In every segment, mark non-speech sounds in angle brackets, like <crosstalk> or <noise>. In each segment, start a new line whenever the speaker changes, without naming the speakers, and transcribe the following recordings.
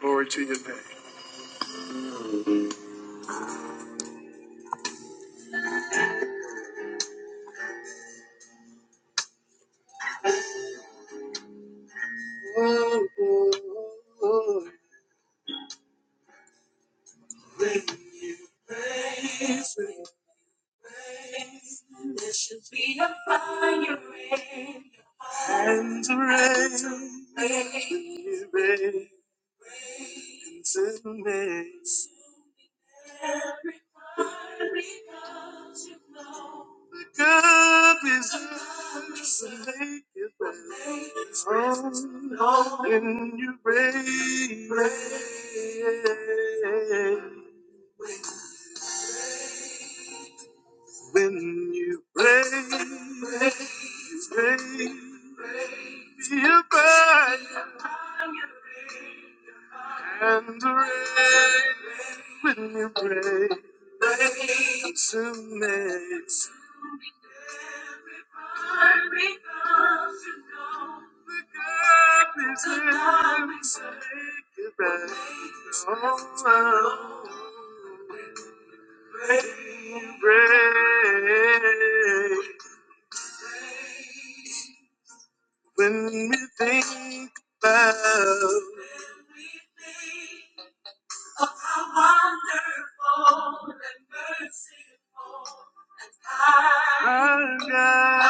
Glory to your name. Hands raised, gentleness. The cup is yours, and make it praise. Oh, when you reign, reign. when you reign, reign. Be above and reign when you reign. Gentleness. When we think about our God,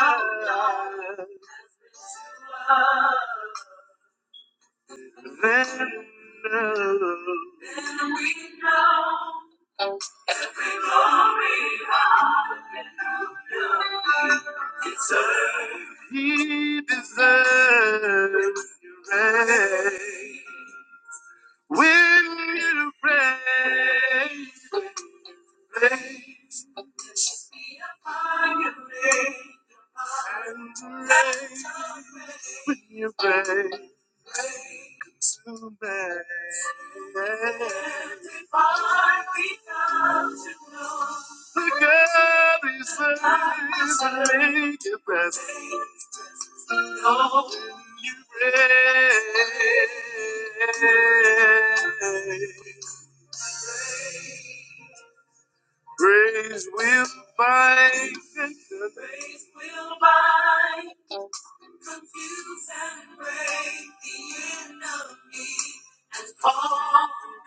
then know He deserves your right. When you pray, pray, and you pray tonight. The God is a good Praise will find the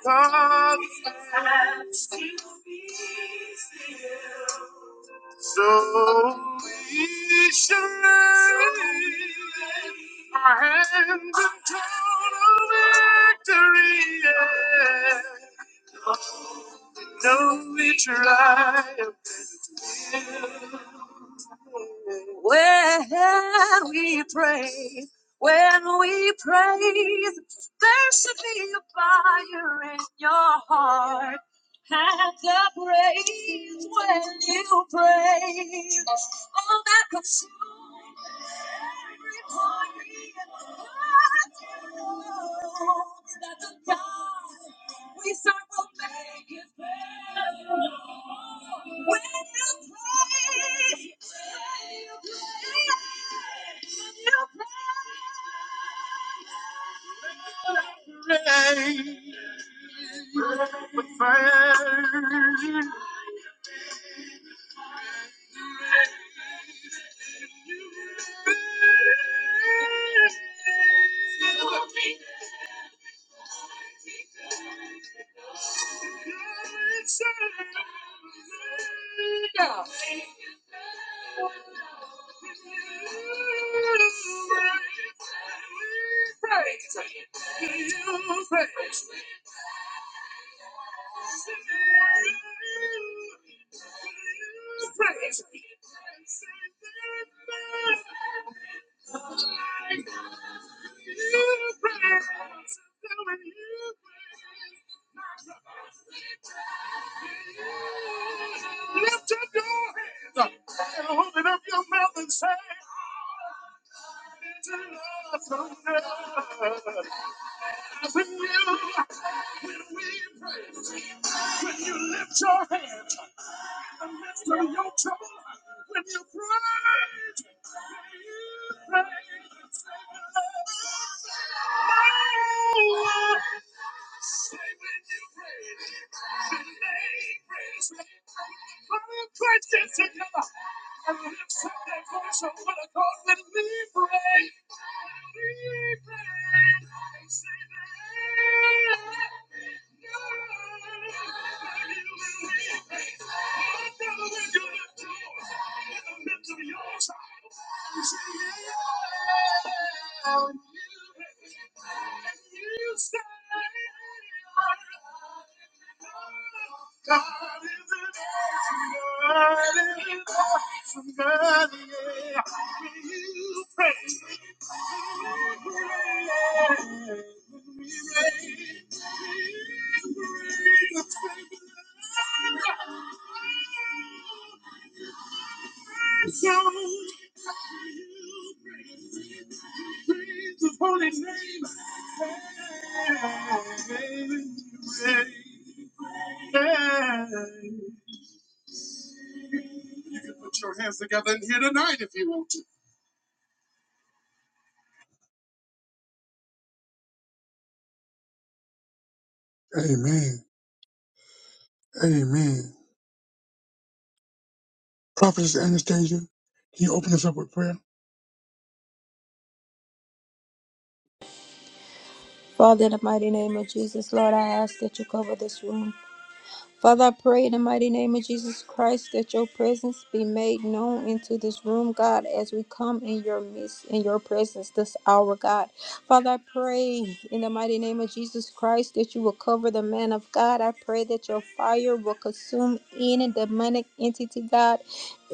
consolation Our hands in total victory. Yeah. No, we triumph. Praise with fire. Lift up your hands and hold it up your mouth and say, "It's enough for God." When you when you lift your hands in the midst of your you say, "Yeah." And you say, God is an awesome God. Somebody, yeah. When you pray, when you pray, when we pray, so praise His holy name. Amen. You pray, yeah. You can put your hands together in here tonight if you want to. Amen. Amen. Prophetess Anastasia, can you open us up with prayer?
Father, in the mighty name of Jesus, Lord, I ask that you cover this room. Father, I pray in the mighty name of Jesus Christ that your presence be made known into this room, God, as we come in your midst, in your presence this hour, God. Father, I pray in the mighty name of Jesus Christ that you will cover the man of God. I pray that your fire will consume any demonic entity, God,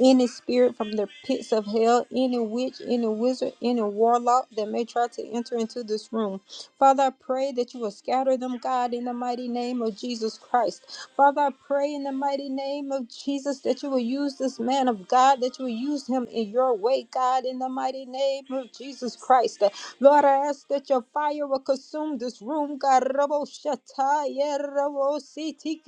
any spirit from the pits of hell, any witch, any wizard, any warlock that may try to enter into this room. Father, I pray that you will scatter them, God, in the mighty name of Jesus Christ. Father, I pray in the mighty name of Jesus that you will use this man of God, that you will use him in your way, God, in the mighty name of Jesus Christ. Lord, I ask that your fire will consume this room, God. Rabo Shataya, Rabo Siti,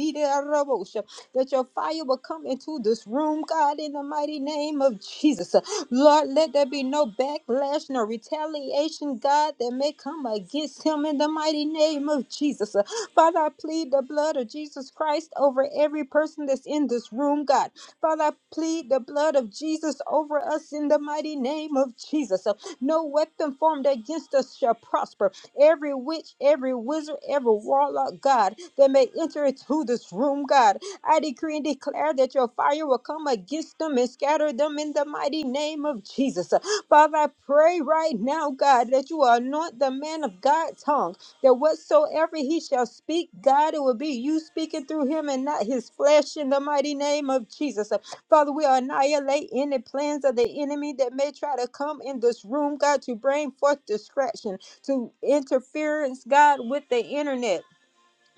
Rabo Sha- That your fire will come into this room, God, in the mighty name of Jesus. Lord, let there be no backlash, no retaliation, God, that may come against him in the mighty name of Jesus. Father, I plead the blood of Jesus Christ over every person that's in this room, God. Father, I plead the blood of Jesus over us in the mighty name of Jesus. So no weapon formed against us shall prosper. Every witch, every wizard, every warlock, God, that may enter into this room, God, I decree and declare that your fire will come against them and scatter them in the mighty name of Jesus. Uh, Father, I pray right now, God, that you will anoint the man of God's tongue that whatsoever he shall speak, God, it will be you speaking through him and not his flesh in the mighty name of Jesus. Uh, Father, we annihilate any plans of the enemy that may try to come in this room, God, to bring forth distraction, to interference, God, with the internet.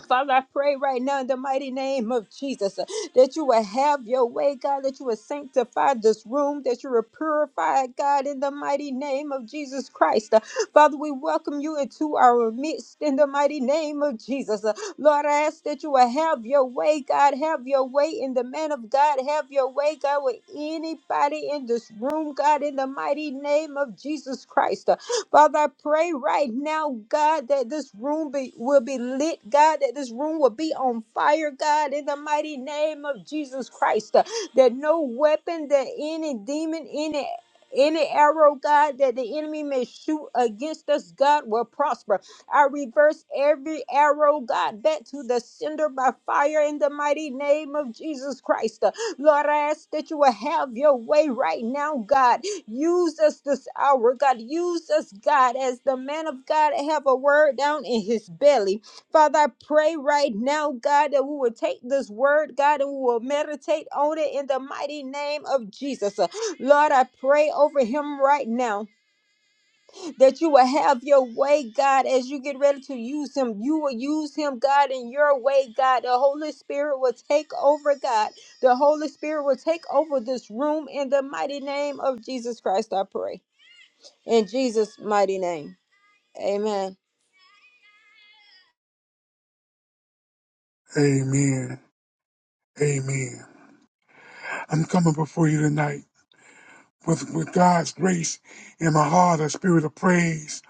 Father, I pray right now in the mighty name of Jesus uh, that you will have your way, God, that you will sanctify this room, that you will purify, it, God, in the mighty name of Jesus Christ. Uh, Father, we welcome you into our midst in the mighty name of Jesus. Uh, Lord, I ask that you will have your way, God, have your way in the man of God, have your way, God, with anybody in this room, God, in the mighty name of Jesus Christ. Uh, Father, I pray right now, God, that this room be, will be lit, God, that this room will be on fire, God, in the mighty name of Jesus Christ. Uh, that no weapon, that any demon, any any arrow, God, that the enemy may shoot against us, God, will prosper. I reverse every arrow, God, back to the sender by fire in the mighty name of Jesus Christ. Uh, Lord, I ask that you will have your way right now, God. Use us this hour, God. Use us, God, as the man of God have a word down in his belly. Father, I pray right now, God, that we will take this word, God, and we will meditate on it in the mighty name of Jesus. Uh, Lord, I pray over him right now that you will have your way, God, as you get ready to use him. You will use him, God, in your way, God. The Holy Spirit will take over, God. The Holy Spirit will take over this room in the mighty name of Jesus Christ, I pray. In Jesus' mighty name, amen.
Amen. Amen. I'm coming before you tonight with, with God's grace in my heart, a spirit of praise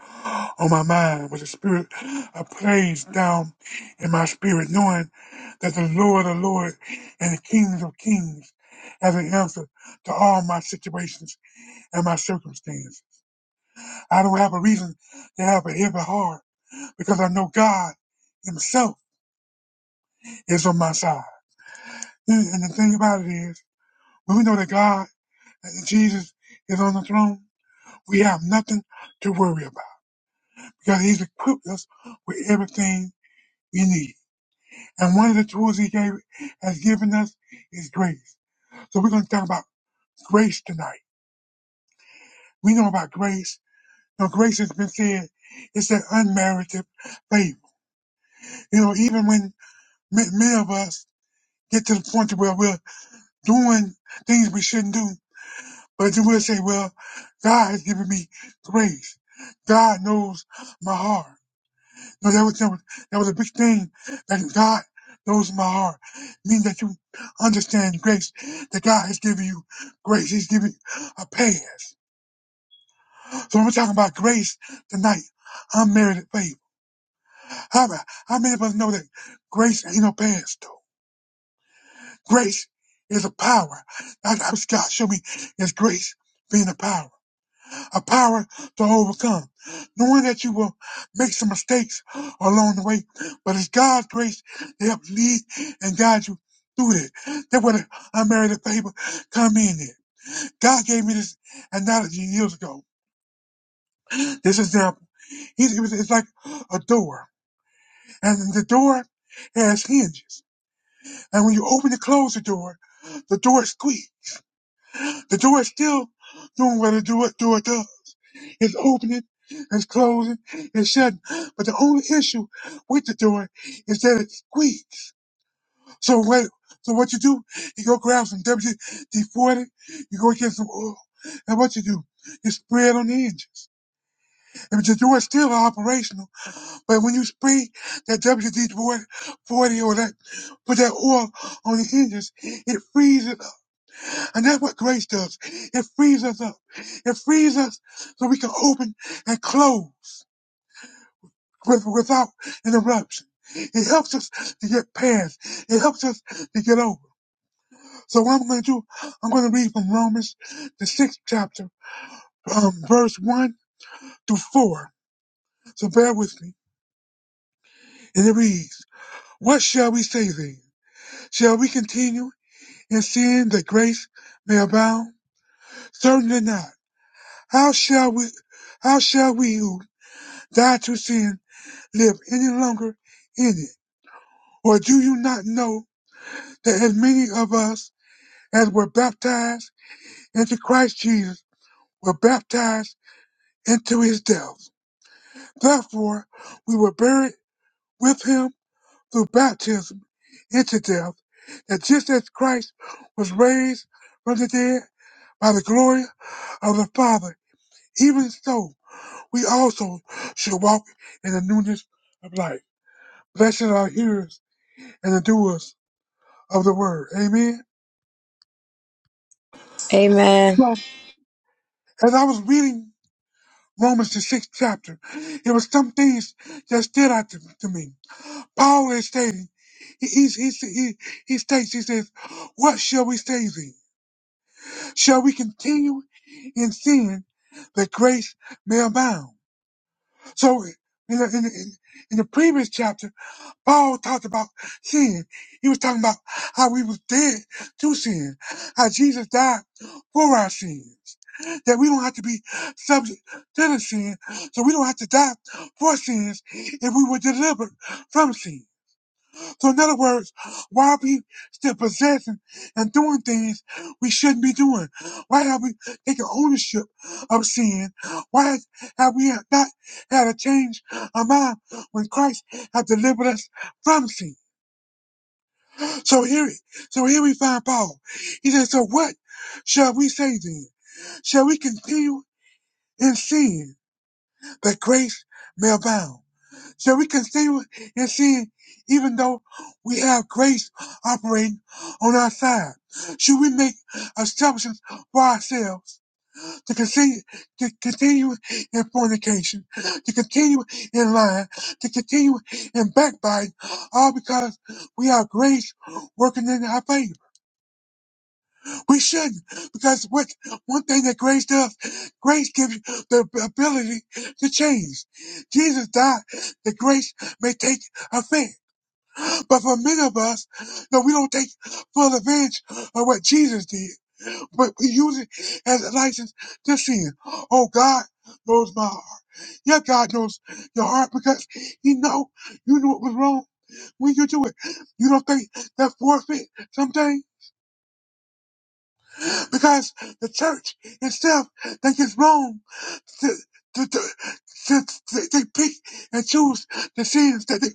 on my mind, with a spirit of praise down in my spirit, knowing that the Lord of Lords and the Kings of Kings has an answer to all my situations and my circumstance. I don't have a reason to have a heavy heart because I know God Himself is on my side. And and the thing about it is, when we know that God, that Jesus is on the throne, We have nothing to worry about because He's equipped us with everything we need. And one of the tools He gave has given us is grace. So we're going to talk about grace tonight. We know about grace. You know, grace has been said it's an unmerited favor. You know, even when ma- many of us get to the point to where we're doing things we shouldn't do, but then we'll say, well, God has given me grace. God knows my heart. No, that was, that was that was a big thing. That God knows my heart. Meaning that you understand grace. That God has given you grace. He's giving you a pass. So when we're talking about grace tonight, unmerited favor. How, about- how many of us know that grace ain't no pass though? Grace is a power. That's what God showed me is grace being a power. a power to overcome, knowing that you will make some mistakes along the way, but it's God's grace to help lead and guide you through that. That's where the unmerited favor come in at. God gave me this analogy years ago. This example, He- it was- it's like a door, and the door has hinges, and when you open and close the door, the door squeaks. The door is still doing what the door, door does It's opening, it's closing, it's shutting. But the only issue with the door is that it squeaks. So what? So what you do? You go grab some WD-40. You go get some oil, and what you do? You spray it on the engine. And the door is still operational, but when you spray that WD-40 or that, put that oil on the hinges, it frees it up. And that's what grace does. It frees us up. It frees us so we can open and close. with, without interruption. It helps us to get past. It helps us to get over. So what I'm going to do, I'm going to read from Romans, the sixth chapter, um, verse one through four. So bear with me. And it reads, What shall we say then? Shall we continue in sin that grace may abound? Certainly not. How shall we, how shall we who died to sin live any longer in it? Or do you not know that as many of us as were baptized into Christ Jesus were baptized into his death. Therefore, we were buried with him through baptism into death, that just as Christ was raised from the dead by the glory of the Father, even so we also should walk in the newness of life. Blessed are hearers and the doers of the word. Amen.
Amen.
So, as I was reading Romans the sixth chapter. There were some things that stood out to, to me. Paul is stating, he, he, he, he, he states, he says, what shall we say then? Shall we continue in sin that grace may abound? So in the, in, the, in in the previous chapter, Paul talked about sin. He was talking about how we was dead to sin, how Jesus died for our sins, that we don't have to be subject to the sin, so we don't have to die for sins if we were delivered from sin. So in other words, why are we still possessing and doing things we shouldn't be doing? Why have we taken ownership of sin? Why has- have we not had a change of mind when Christ has delivered us from sin? So here, so here we find Paul. He says, so what shall we say then? Shall we continue in sin that grace may abound? So we continue in sin even though we have grace operating on our side. Should we make assumptions for ourselves to continue to continue in fornication, to continue in lying, to continue in backbiting, all because we have grace working in our favor? We shouldn't, because what one thing that grace does, grace gives you the ability to change. Jesus died that grace may take effect. But for many of us, no, we don't take full advantage of what Jesus did, but we use it as a license to sin. Oh, God knows my heart. Yeah, God knows your heart because He know you knew it was wrong when you do it. You don't think that forfeit something because the church itself think it's wrong. To, to, to, to, to- they pick and choose the sins that they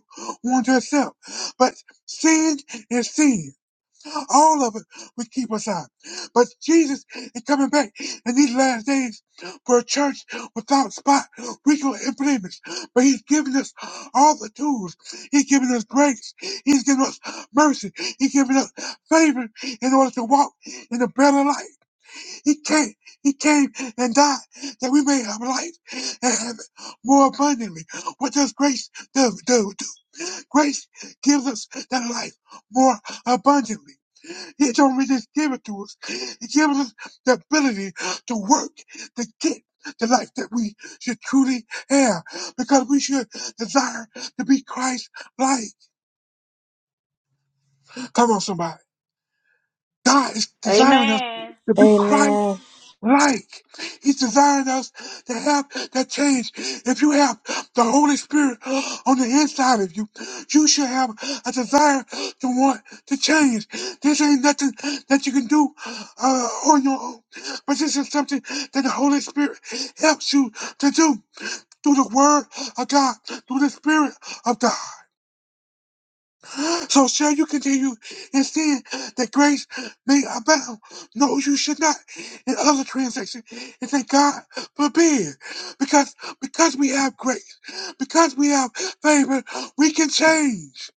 want to accept, but sin is sin. All of it would keep us out. But Jesus is coming back in these last days for a church without spot, wrinkle, and blemish. But He's giving us all the tools. He's giving us grace. He's giving us mercy. He's giving us favor in order to walk in a better life. He came. He came and died that we may have life and have it more abundantly. What does grace do? do, do? Grace gives us that life more abundantly. He told me this gave it to us. He gives us the ability to work, to get the life that we should truly have because we should desire to be Christ like. Come on, somebody. God is desiring us
Amen.
to be Christ.
Amen.
like. He designed us to have that change. If you have the Holy Spirit on the inside of you, you should have a desire to want to change. This ain't nothing that you can do uh, on your own, but this is something that the Holy Spirit helps you to do through the Word of God, through the Spirit of God. So shall you continue in sin that grace may abound? No, you should not. In other translation, it says God forbid, because because we have grace, because we have favor, we can change.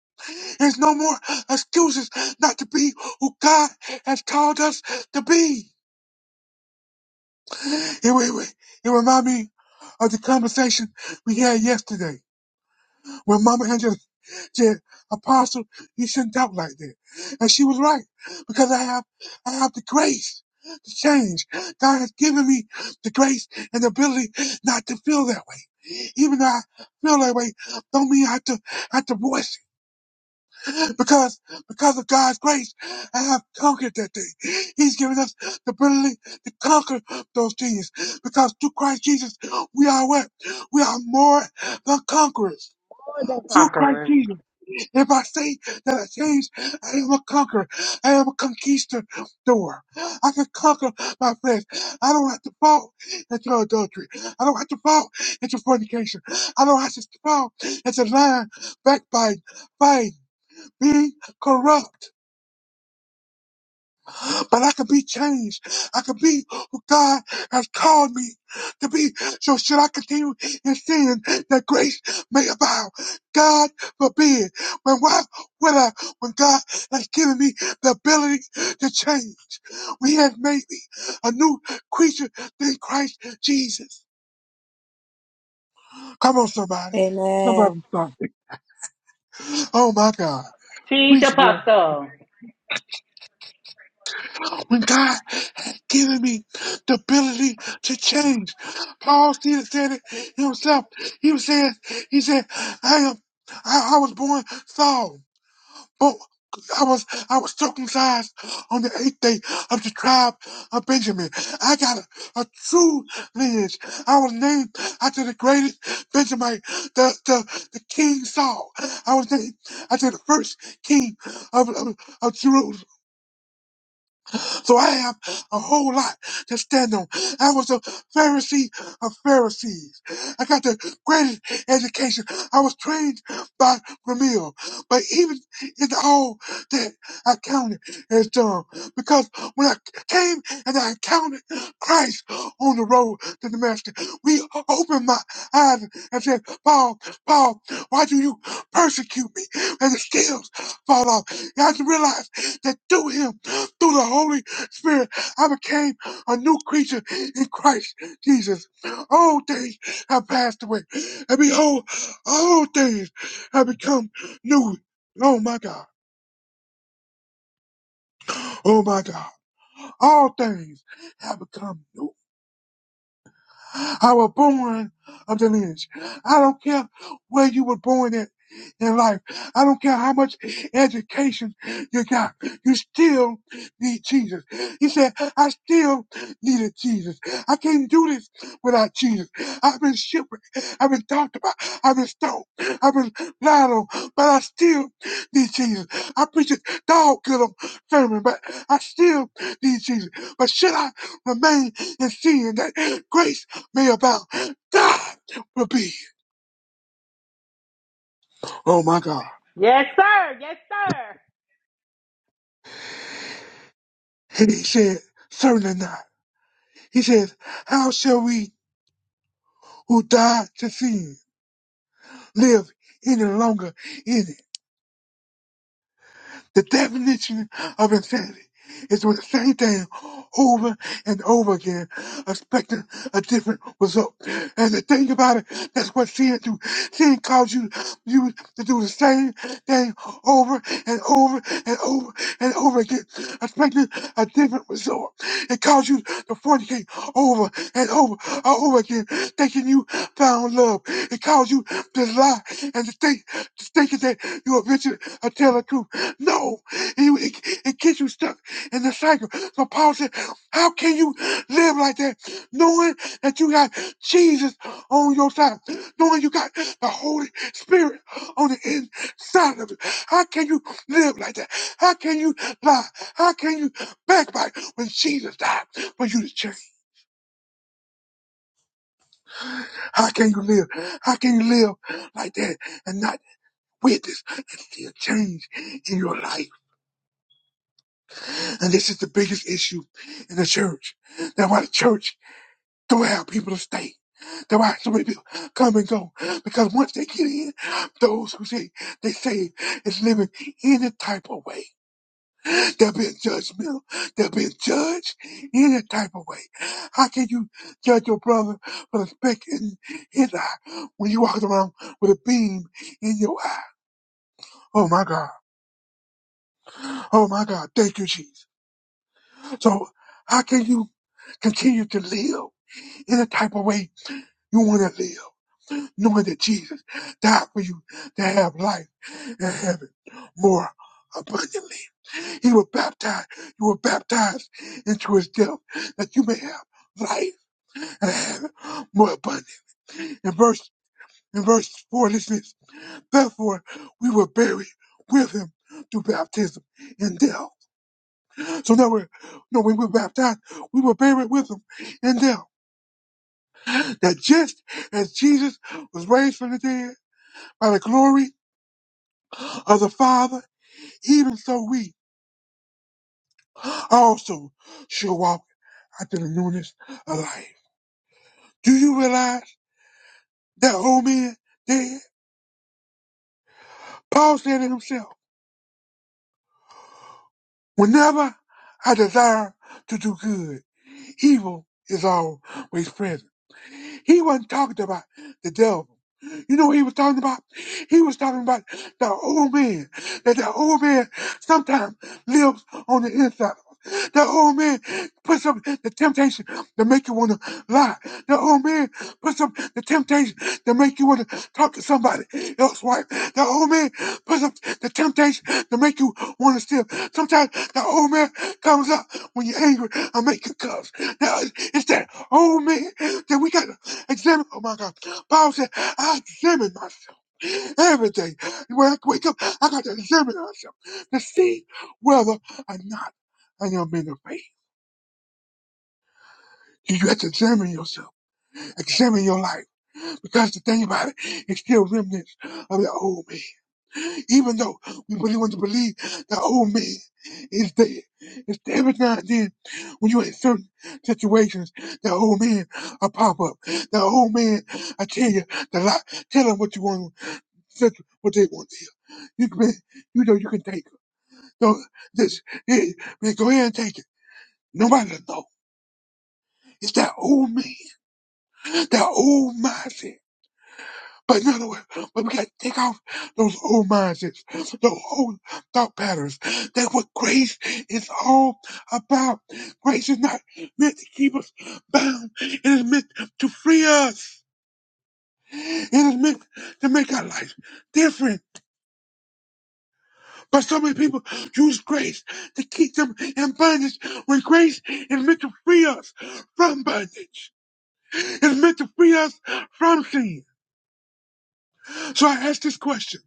There's no more excuses not to be who God has called us to be. It, it, it reminds me of the conversation we had yesterday. When Mama Angela said, Apostle, you shouldn't talk like that. And she was right, because I have, I have the grace to change. God has given me the grace and the ability not to feel that way. Even though I feel that way, don't mean I have to, I have to voice it. Because, because of God's grace, I have conquered that thing. He's given us the ability to conquer those things. Because through Christ Jesus, we are what? We are more than conquerors. Through Christ
Talkers.
Jesus. If I say that I change, I am a conqueror. I am a conquistador. I can conquer my flesh. I don't have to fall into adultery. I don't have to fall into fornication. I don't have to fall into lying, backbiting, fighting, being corrupt but I can be changed. I can be who God has called me to be. So should I continue in sin that grace may abound? God forbid. When why would I, when God has given me the ability to change, when He has made me a new creature in Christ Jesus. Come on, somebody.
Amen.
Somebody stop it. Oh my God.
Teach
Preach, boy.
apostle.
When God given me the ability to change. Paul Stevens said it himself. He was saying, he said, I am, I, I was born Saul, but I was, I was circumcised on the eighth day of the tribe of Benjamin. I got a, a true lineage. I was named after the greatest Benjamin, the, the, the King Saul. I was named after the first king of, of, of Jerusalem. So I have a whole lot to stand on. I was a Pharisee of Pharisees. I got the greatest education. I was trained by Gamaliel. But even in all that, I counted as dumb. Because when I came and I encountered Christ on the road to the Master, we opened my eyes and said, Paul, Paul, why do you persecute me? And the scales fall off. And I realized that through him, through the Holy Spirit, I became a new creature in Christ Jesus. All things have passed away, and behold, all things have become new. Oh my God, oh my God, all things have become new. I was born of the lineage. I don't care where you were born at in life. I don't care how much education you got. You still need Jesus. He said, I still needed Jesus. I can't do this without Jesus. I've been shipwrecked. I've been talked about. I've been stoned. I've been lied on, but I still need Jesus. I preach a dog killer sermon, but I still need Jesus. But should I remain in sin? That grace me about God will be. Oh my God.
Yes, sir. Yes,
And He said, certainly not. He says, how shall we who died to sin live any longer in it? The definition of insanity is doing the same thing over and over again, expecting a different result. And the thing about it, that's what sin do. Sin calls you you to do the same thing over and over and over and over again, expecting a different result. It calls you to fornicate over and over and over again, thinking you found love. It calls you to lie and to think, to thinking that you are Richard or Taylor no, it, it, it gets you stuck in the cycle. So Paul said, How can you live like that knowing that you got Jesus on your side, knowing you got the Holy Spirit on the inside of you? How can you live like that? How can you lie? How can you backbite when Jesus died for you to change? How can you live? How can you live like that and not witness and see a change in your life? And this is the biggest issue in the church. That's why the church don't have people to stay. That's why so many people come and go. Because once they get in, those who say they say is living any type of way. They're being judgmental. They're being judged any type of way. How can you judge your brother for the speck in his eye when you walk around with a beam in your eye? Oh my God. Oh my God. Thank you, Jesus. So how can you continue to live? In Any type of way you want to live, knowing that Jesus died for you to have life and have it more abundantly. He was baptized. You were baptized into his death that you may have life and have it more abundantly. In verse in verse four, listen this. Therefore, we were buried with him through baptism in death. So now we're no, when we were baptized, we were buried with him in death. That just as Jesus was raised from the dead by the glory of the Father, even so we also shall walk after the newness of life. Do you realize that old man dead? Paul said to himself, Whenever I desire to do good, evil is always present. He wasn't talking about the devil. You know what he was talking about? He was talking about the old man. That the old man sometimes lives on the inside. The old man puts up the temptation to make you want to lie. The old man puts up the temptation to make you want to talk to somebody else's wife. The old man puts up the temptation to make you want to steal. Sometimes the old man comes up when you're angry and make you cuss. Now, it's that old man that we got. to Examine, oh my God. Paul said, I examine myself every day. When I wake up, I got to examine myself to see whether or not I am in the faith. You have to examine yourself, examine your life. Because the thing about it, it's still remnants of the old me. Even though we really want to believe the old me is dead, it's every now and then when you're in certain situations, the old man will pop up. The old man, I tell you, the lie, tell him what you want. That's what they want to hear. You can, you know, you can take it. No, this, hey, man, go ahead and take it. Nobody will know. It's that old me, that old mindset. But in other words, but we got to take off those old mindsets, those old thought patterns. That's what grace is all about. Grace is not meant to keep us bound. It is meant to free us. It is meant to make our life different. But so many people use grace to keep them in bondage when grace is meant to free us from bondage. It's meant to free us from sin. So I ask this question.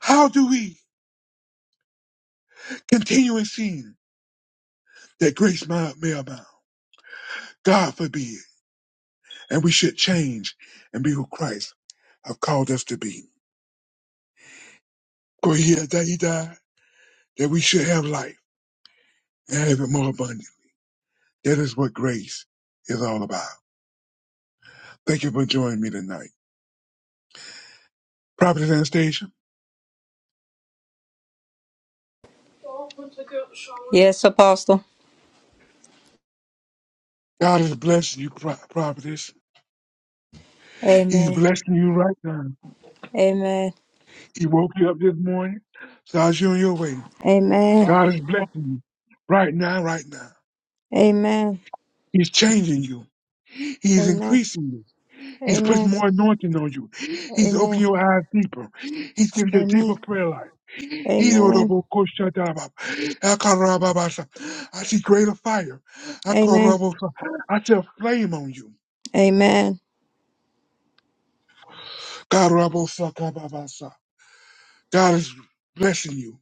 How do we continue in sin that grace may, may abound? God forbid. And we should change and be who Christ have called us to be. For he that he died, that we should have life and have it more abundant. That is what grace is all about. Thank you for joining me tonight. Prophet Anastasia.
Yes, Apostle.
God is blessing you, Pro- prophetess. He's
Amen.
blessing you right now.
Amen.
He woke you up this morning, started you on your way.
Amen.
God is blessing you right now, right now.
Amen.
He's changing you. He's
Amen.
increasing you. He's putting
Amen.
more anointing on you. He's opening
Amen.
your eyes deeper. He's giving you a deeper
Amen.
prayer life.
Amen.
Hirorobokoshataba. Akarababasa. I see greater fire.
Amen.
Akorobosa. I see a flame on you.
Amen.
Karabosakababasa. God is blessing you.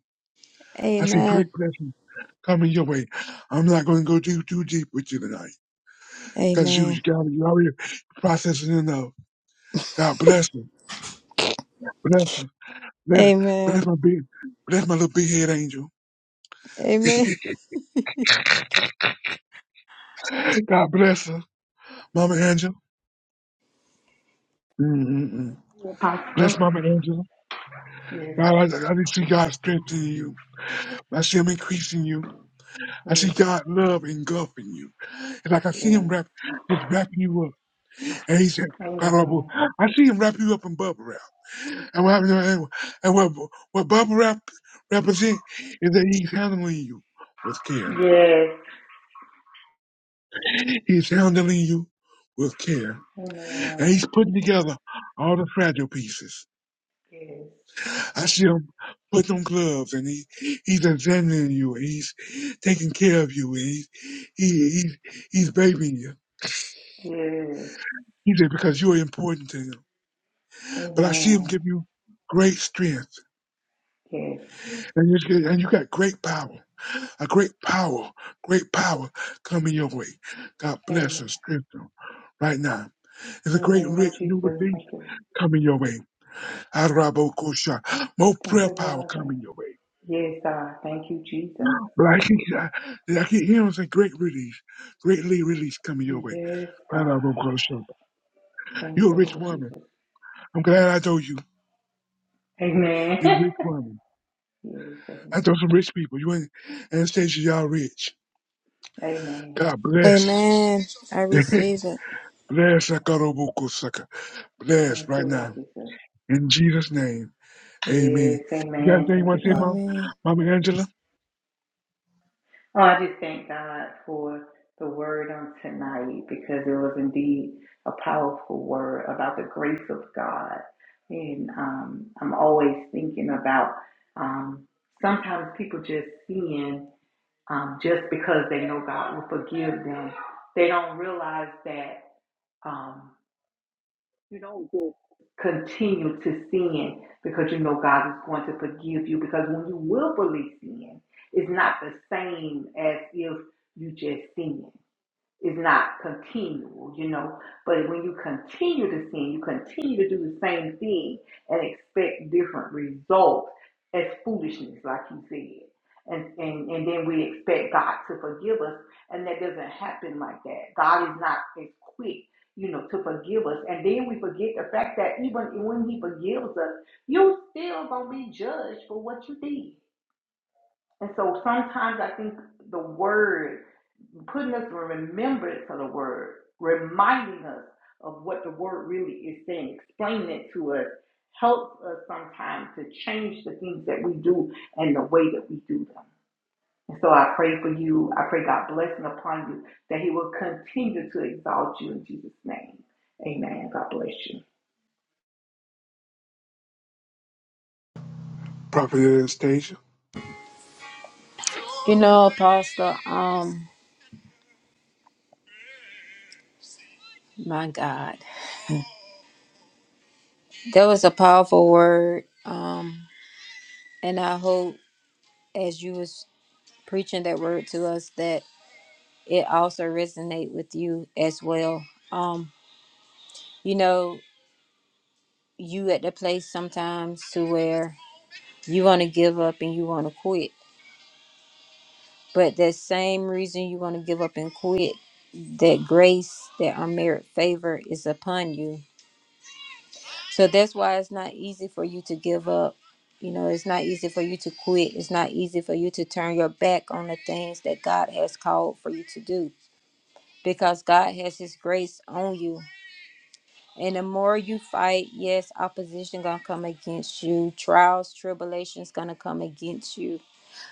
I see great
Amen.
blessings coming your way. I'm not going to go too too deep with you tonight because you
Amen.
you got you already processing enough. God bless her, bless her, bless,
Amen.
bless my big, bless my little big head angel.
Amen.
God bless her, Mama Angel. Mm-mm-mm.
sir. Apostle.
Bless Mama Angel.
Yes.
God, I, I just see God strengthening you. I see Him increasing you. I
Yes.
see God love engulfing you. It's like I see
Yes.
Him wrap, just wrapping you up. And He said, God, I will-
Amen.
I see Him wrap you up in bubble wrap. And what happened? And and what what bubble wrap represent is that he's handling you with care.
Yes.
He's handling you with care, and
Amen.
he's putting together all the fragile pieces.
Yes.
I see him putting on gloves, and he he's examining you, and he's taking care of you, and he's he, he's he's babying you.
Yes.
He said because you are important to him. But I see him
Amen.
give you great strength,
Yes.
and you and you got great power. A great power, great power coming your way. God bless
Amen.
and strengthen right now. It's a
In the
great
name of
re- new
Jesus,
release
thank you.
coming your way. Arabokosha. More
Thank
prayer
you,
power
Father.
coming your way.
Yes, God. Thank you, Jesus.
But I can, I, I can hear him say, great release, greatly release coming your way.
Yes, God.
Arabokosha.
Thank
You're a
you,
rich
Lord
woman.
Jesus.
I'm glad I told you.
Amen. <laughs>
You're a rich woman.
yes, amen.
I told some rich people. You ain't Anastasia, y'all rich.
Amen.
God bless.
Amen. I receive it.
<laughs> bless. Akarobokosaka. Bless
Thank you,
right
Lord
now.
Jesus.
In Jesus' name, amen.
Yes,
You got
amen.
anything you
Thank
want
you,
to say,
Father.
Mom?
Amen.
Mama Angela?
Oh, I just thank God for the word on tonight because it was indeed a powerful word about the grace of God. And um, I'm always thinking about um, sometimes people just seeing um, just because they know God will forgive them, they don't realize that. Um, You don't continue to sin because you know God is going to forgive you. Because when you willfully sin, it's not the same as if you just sin is not continual, you know. But when you continue to sin, you continue to do the same thing and expect different results as foolishness, like you said. And, and and then we expect God to forgive us, and that doesn't happen like that. God is not as quick, you know, to forgive us. And then we forget the fact that even when He forgives us, you still gonna be judged for what you did. And so sometimes I think the word putting us in remembrance of the word, reminding us of what the word really is saying, explaining it to us, helps us sometimes to change the things that we do and the way that we do them. And so I pray for you. I pray God blessing upon you that He will continue to exalt you in Jesus' name. Amen. God bless you.
Prophet Anastasia?
You know, Apostle, um, my God, that was a powerful word. Um, and I hope as you was preaching that word to us that it also resonate with you as well. Um, you know, you at the place sometimes to where you want to give up and you want to quit But that same reason you want to give up and quit, that grace, that unmerited favor is upon you. So that's why it's not easy for you to give up. You know, it's not easy for you to quit. It's not easy for you to turn your back on the things that God has called for you to do because God has his grace on you. And the more you fight, yes, opposition going to come against you. Trials, tribulations going to come against you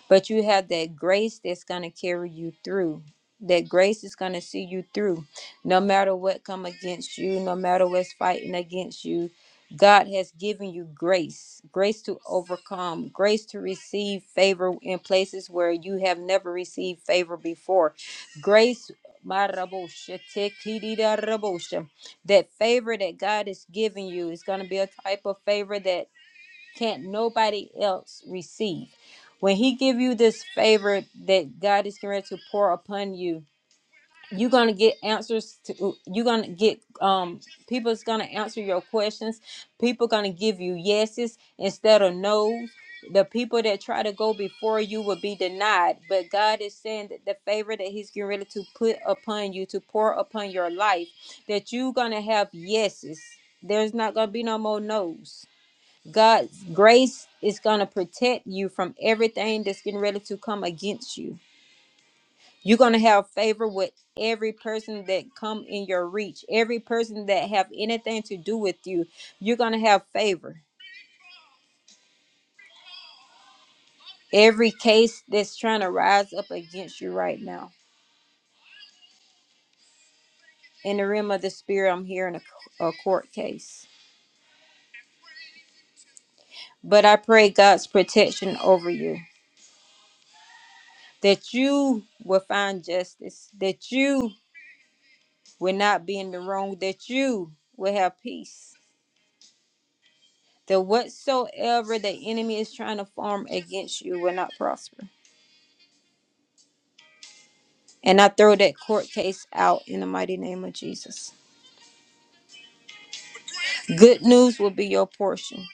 but you have that grace that's going to carry you through that grace is going to see you through no matter what come against you no matter what's fighting against you god has given you grace grace to overcome grace to receive favor in places where you have never received favor before grace my marabosha, tekiridarabosha, that favor that god is giving you is going to be a type of favor that can't nobody else receive. When he give you this favor that God is going to pour upon you, you're gonna get answers to you're gonna get um people's gonna answer your questions. People gonna give you yeses instead of no's. The people that try to go before you will be denied, but God is saying that the favor that He's getting ready to put upon you, to pour upon your life, that you're gonna have yeses. There's not gonna be no more no's God's grace is going to protect you from everything that's getting ready to come against you. You're going to have favor with every person that come in your reach, every person that have anything to do with you. You're going to have favor. Every case that's trying to rise up against you right now. In the realm of the spirit, I'm hearing a, a court case. But I pray God's protection over you, that you will find justice, that you will not be in the wrong, that you will have peace. That whatsoever the enemy is trying to form against you will not prosper. And I throw that court case out in the mighty name of Jesus. Good news will be your portion.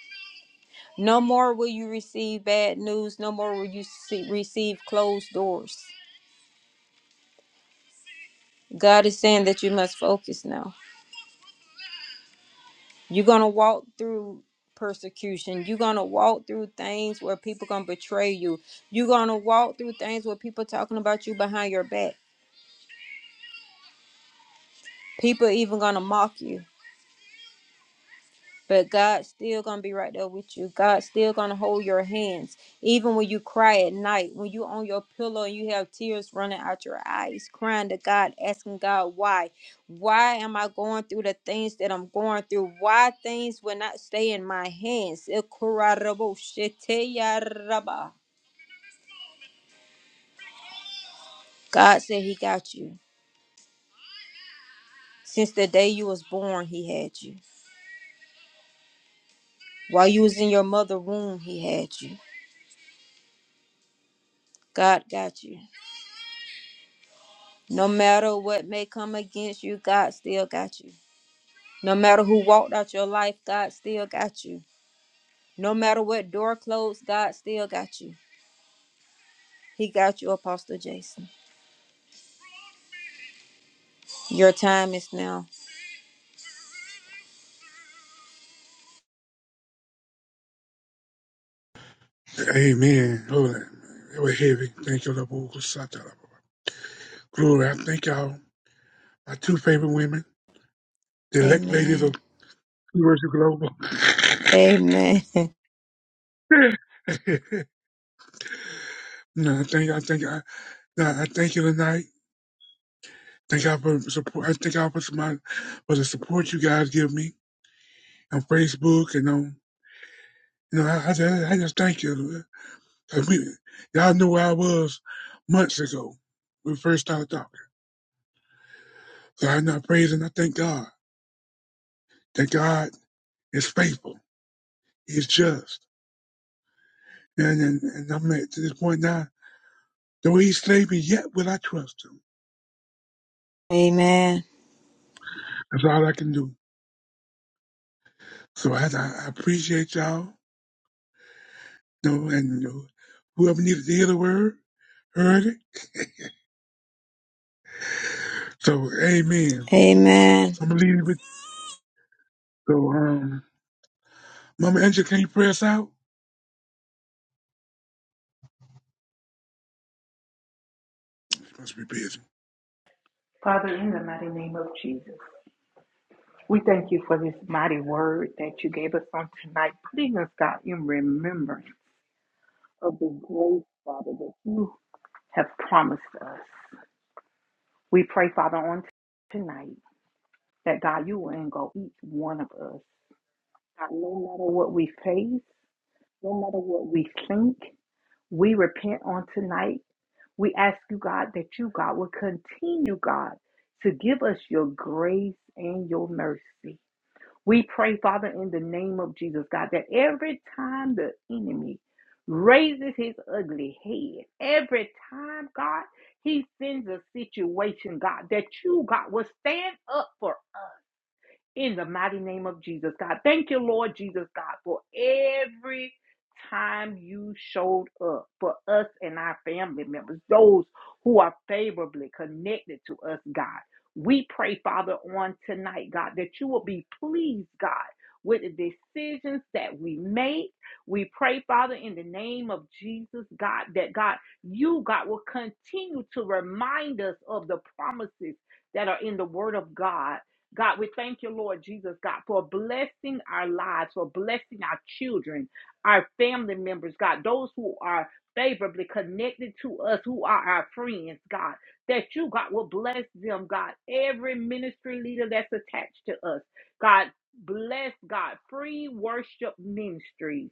No more will you receive bad news. No more will you see, receive closed doors. God is saying that you must focus now. You're gonna walk through persecution. You're gonna walk through things where people gonna betray you. You're gonna walk through things where people talking about you behind your back. People even gonna mock you. but God's still gonna be right there with you. God's still gonna hold your hands, even when you cry at night, when you on your pillow and you have tears running out your eyes, crying to God, asking God why. Why am I going through the things that I'm going through? Why things will not stay in my hands? God said he got you. Since the day you was born, he had you. While you was in your mother womb, he had you. God got you. No matter what may come against you, God still got you. No matter who walked out your life, God still got you. No matter what door closed, God still got you. He got you, Apostle Jason. Your time is now.
Amen. Lord, it was heavy. Thank you, Lord. Kusata. Glory, I thank y'all. My two favorite women, the elect ladies
Amen.
of Universal Global.
Amen. <laughs>
<laughs> no, I thank I thank I, no, I thank you tonight. Thank y'all for support. I thank y'all for, my, for the support you guys give me on Facebook and on, you know, I, I, just, I just thank you. 'Cause we, y'all knew where I was months ago when we first started talking. So I am not praising. I thank God that God is faithful. He's just. And, and, and I'm at to this point now, though he's sleeping, yet will I trust him.
Amen.
That's all I can do. So I, I appreciate y'all. You know, and you know, whoever needed to hear the word, heard it. <laughs> So, amen.
Amen.
So I'm going to leave you with, so, um, Mama Angela, can you pray us out? She must be busy.
Father, in the mighty name of Jesus, we thank you for this mighty word that you gave us on tonight, putting us, God, in remembrance of the grace, Father, that you have promised us. We pray, Father, on tonight that God, you will engulf each one of us. God, no matter what we face, no matter what we think, we repent on tonight. We ask you, God, that you, God, will continue, God, to give us your grace and your mercy. We pray, Father, in the name of Jesus, God, that every time the enemy raises his ugly head, every time, God, he sends a situation, God, that you, God, will stand up for us in the mighty name of Jesus, God. Thank you, Lord Jesus, God, for every time you showed up for us and our family members, those who are favorably connected to us, God. We pray, Father, on tonight, God, that you will be pleased, God, with the decisions that we make. We pray, Father, in the name of Jesus, God, that God, you, God, will continue to remind us of the promises that are in the Word of God God, we thank you, Lord Jesus, God, for blessing our lives, for blessing our children, our family members, God, those who are favorably connected to us, who are our friends, God, that you, God, will bless them, God, every ministry leader that's attached to us, God, bless, God, free worship ministries.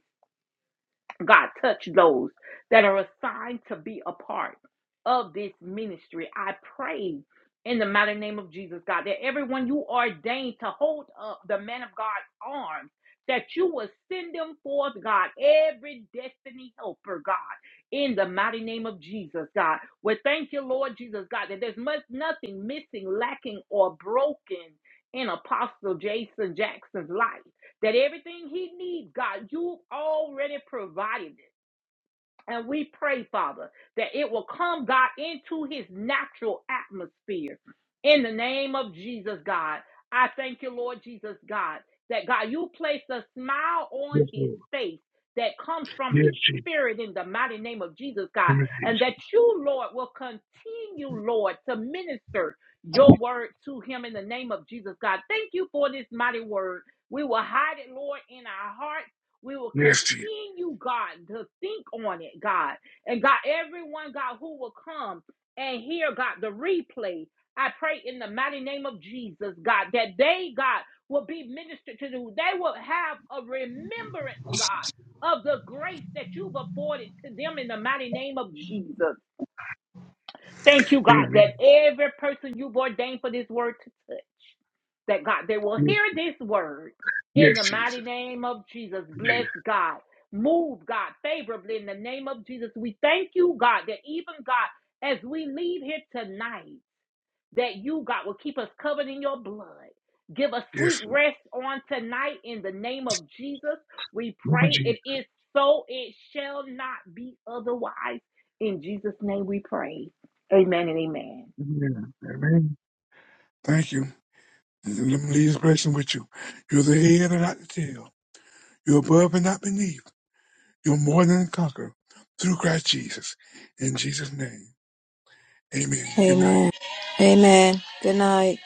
God, touch those that are assigned to be a part of this ministry. I pray in the mighty name of Jesus, God, that everyone you ordained to hold up the man of God's arms, that you will send them forth, God, every destiny helper, God, in the mighty name of Jesus, God. We thank you, Lord Jesus, God, that there's much, nothing missing, lacking, or broken in Apostle Jason Jackson's life that everything he needs, God, you've already provided it. And we pray, Father, that it will come, God, into his natural atmosphere. In the name of Jesus, God, I thank you, Lord Jesus, God, that God, you placed a smile on
Yes,
his
Lord.
face that comes from
Yes,
his
Chief.
spirit in the mighty name of Jesus, God, and that you, Lord, will continue, Lord, to minister your word to him in the name of Jesus, God. Thank you for this mighty word. We will hide it, Lord, in our heart we will
Yes, Chief.
continue, God, to think on it, God. And God, everyone, God, who will come and hear, God, the replay, I pray in the mighty name of Jesus, God, that they, God, will be ministered to. They will have a remembrance, God, of the grace that you've afforded to them in the mighty name of Jesus. Thank you, God,
Amen.
that every person you've ordained for this word to touch, that God, they will
Yes,
hear this word in
yes,
the mighty
Jesus.
name of Jesus. Bless God. Move, God, favorably in the name of Jesus. We thank you, God, that even God, as we leave here tonight, that you, God, will keep us covered in your blood. Give us sweet
Yes,
rest on tonight in the name of Jesus. We
Lord
pray
Jesus.
it is so, it shall not be otherwise. In Jesus' name we pray. Amen and amen.
Amen. Amen. Thank you. And Let me leave this blessing with you. You're the head and not the tail. You're above and not beneath. You're more than a conqueror through Christ Jesus. In Jesus' name. Amen. Good night.
Amen. Amen. Good night.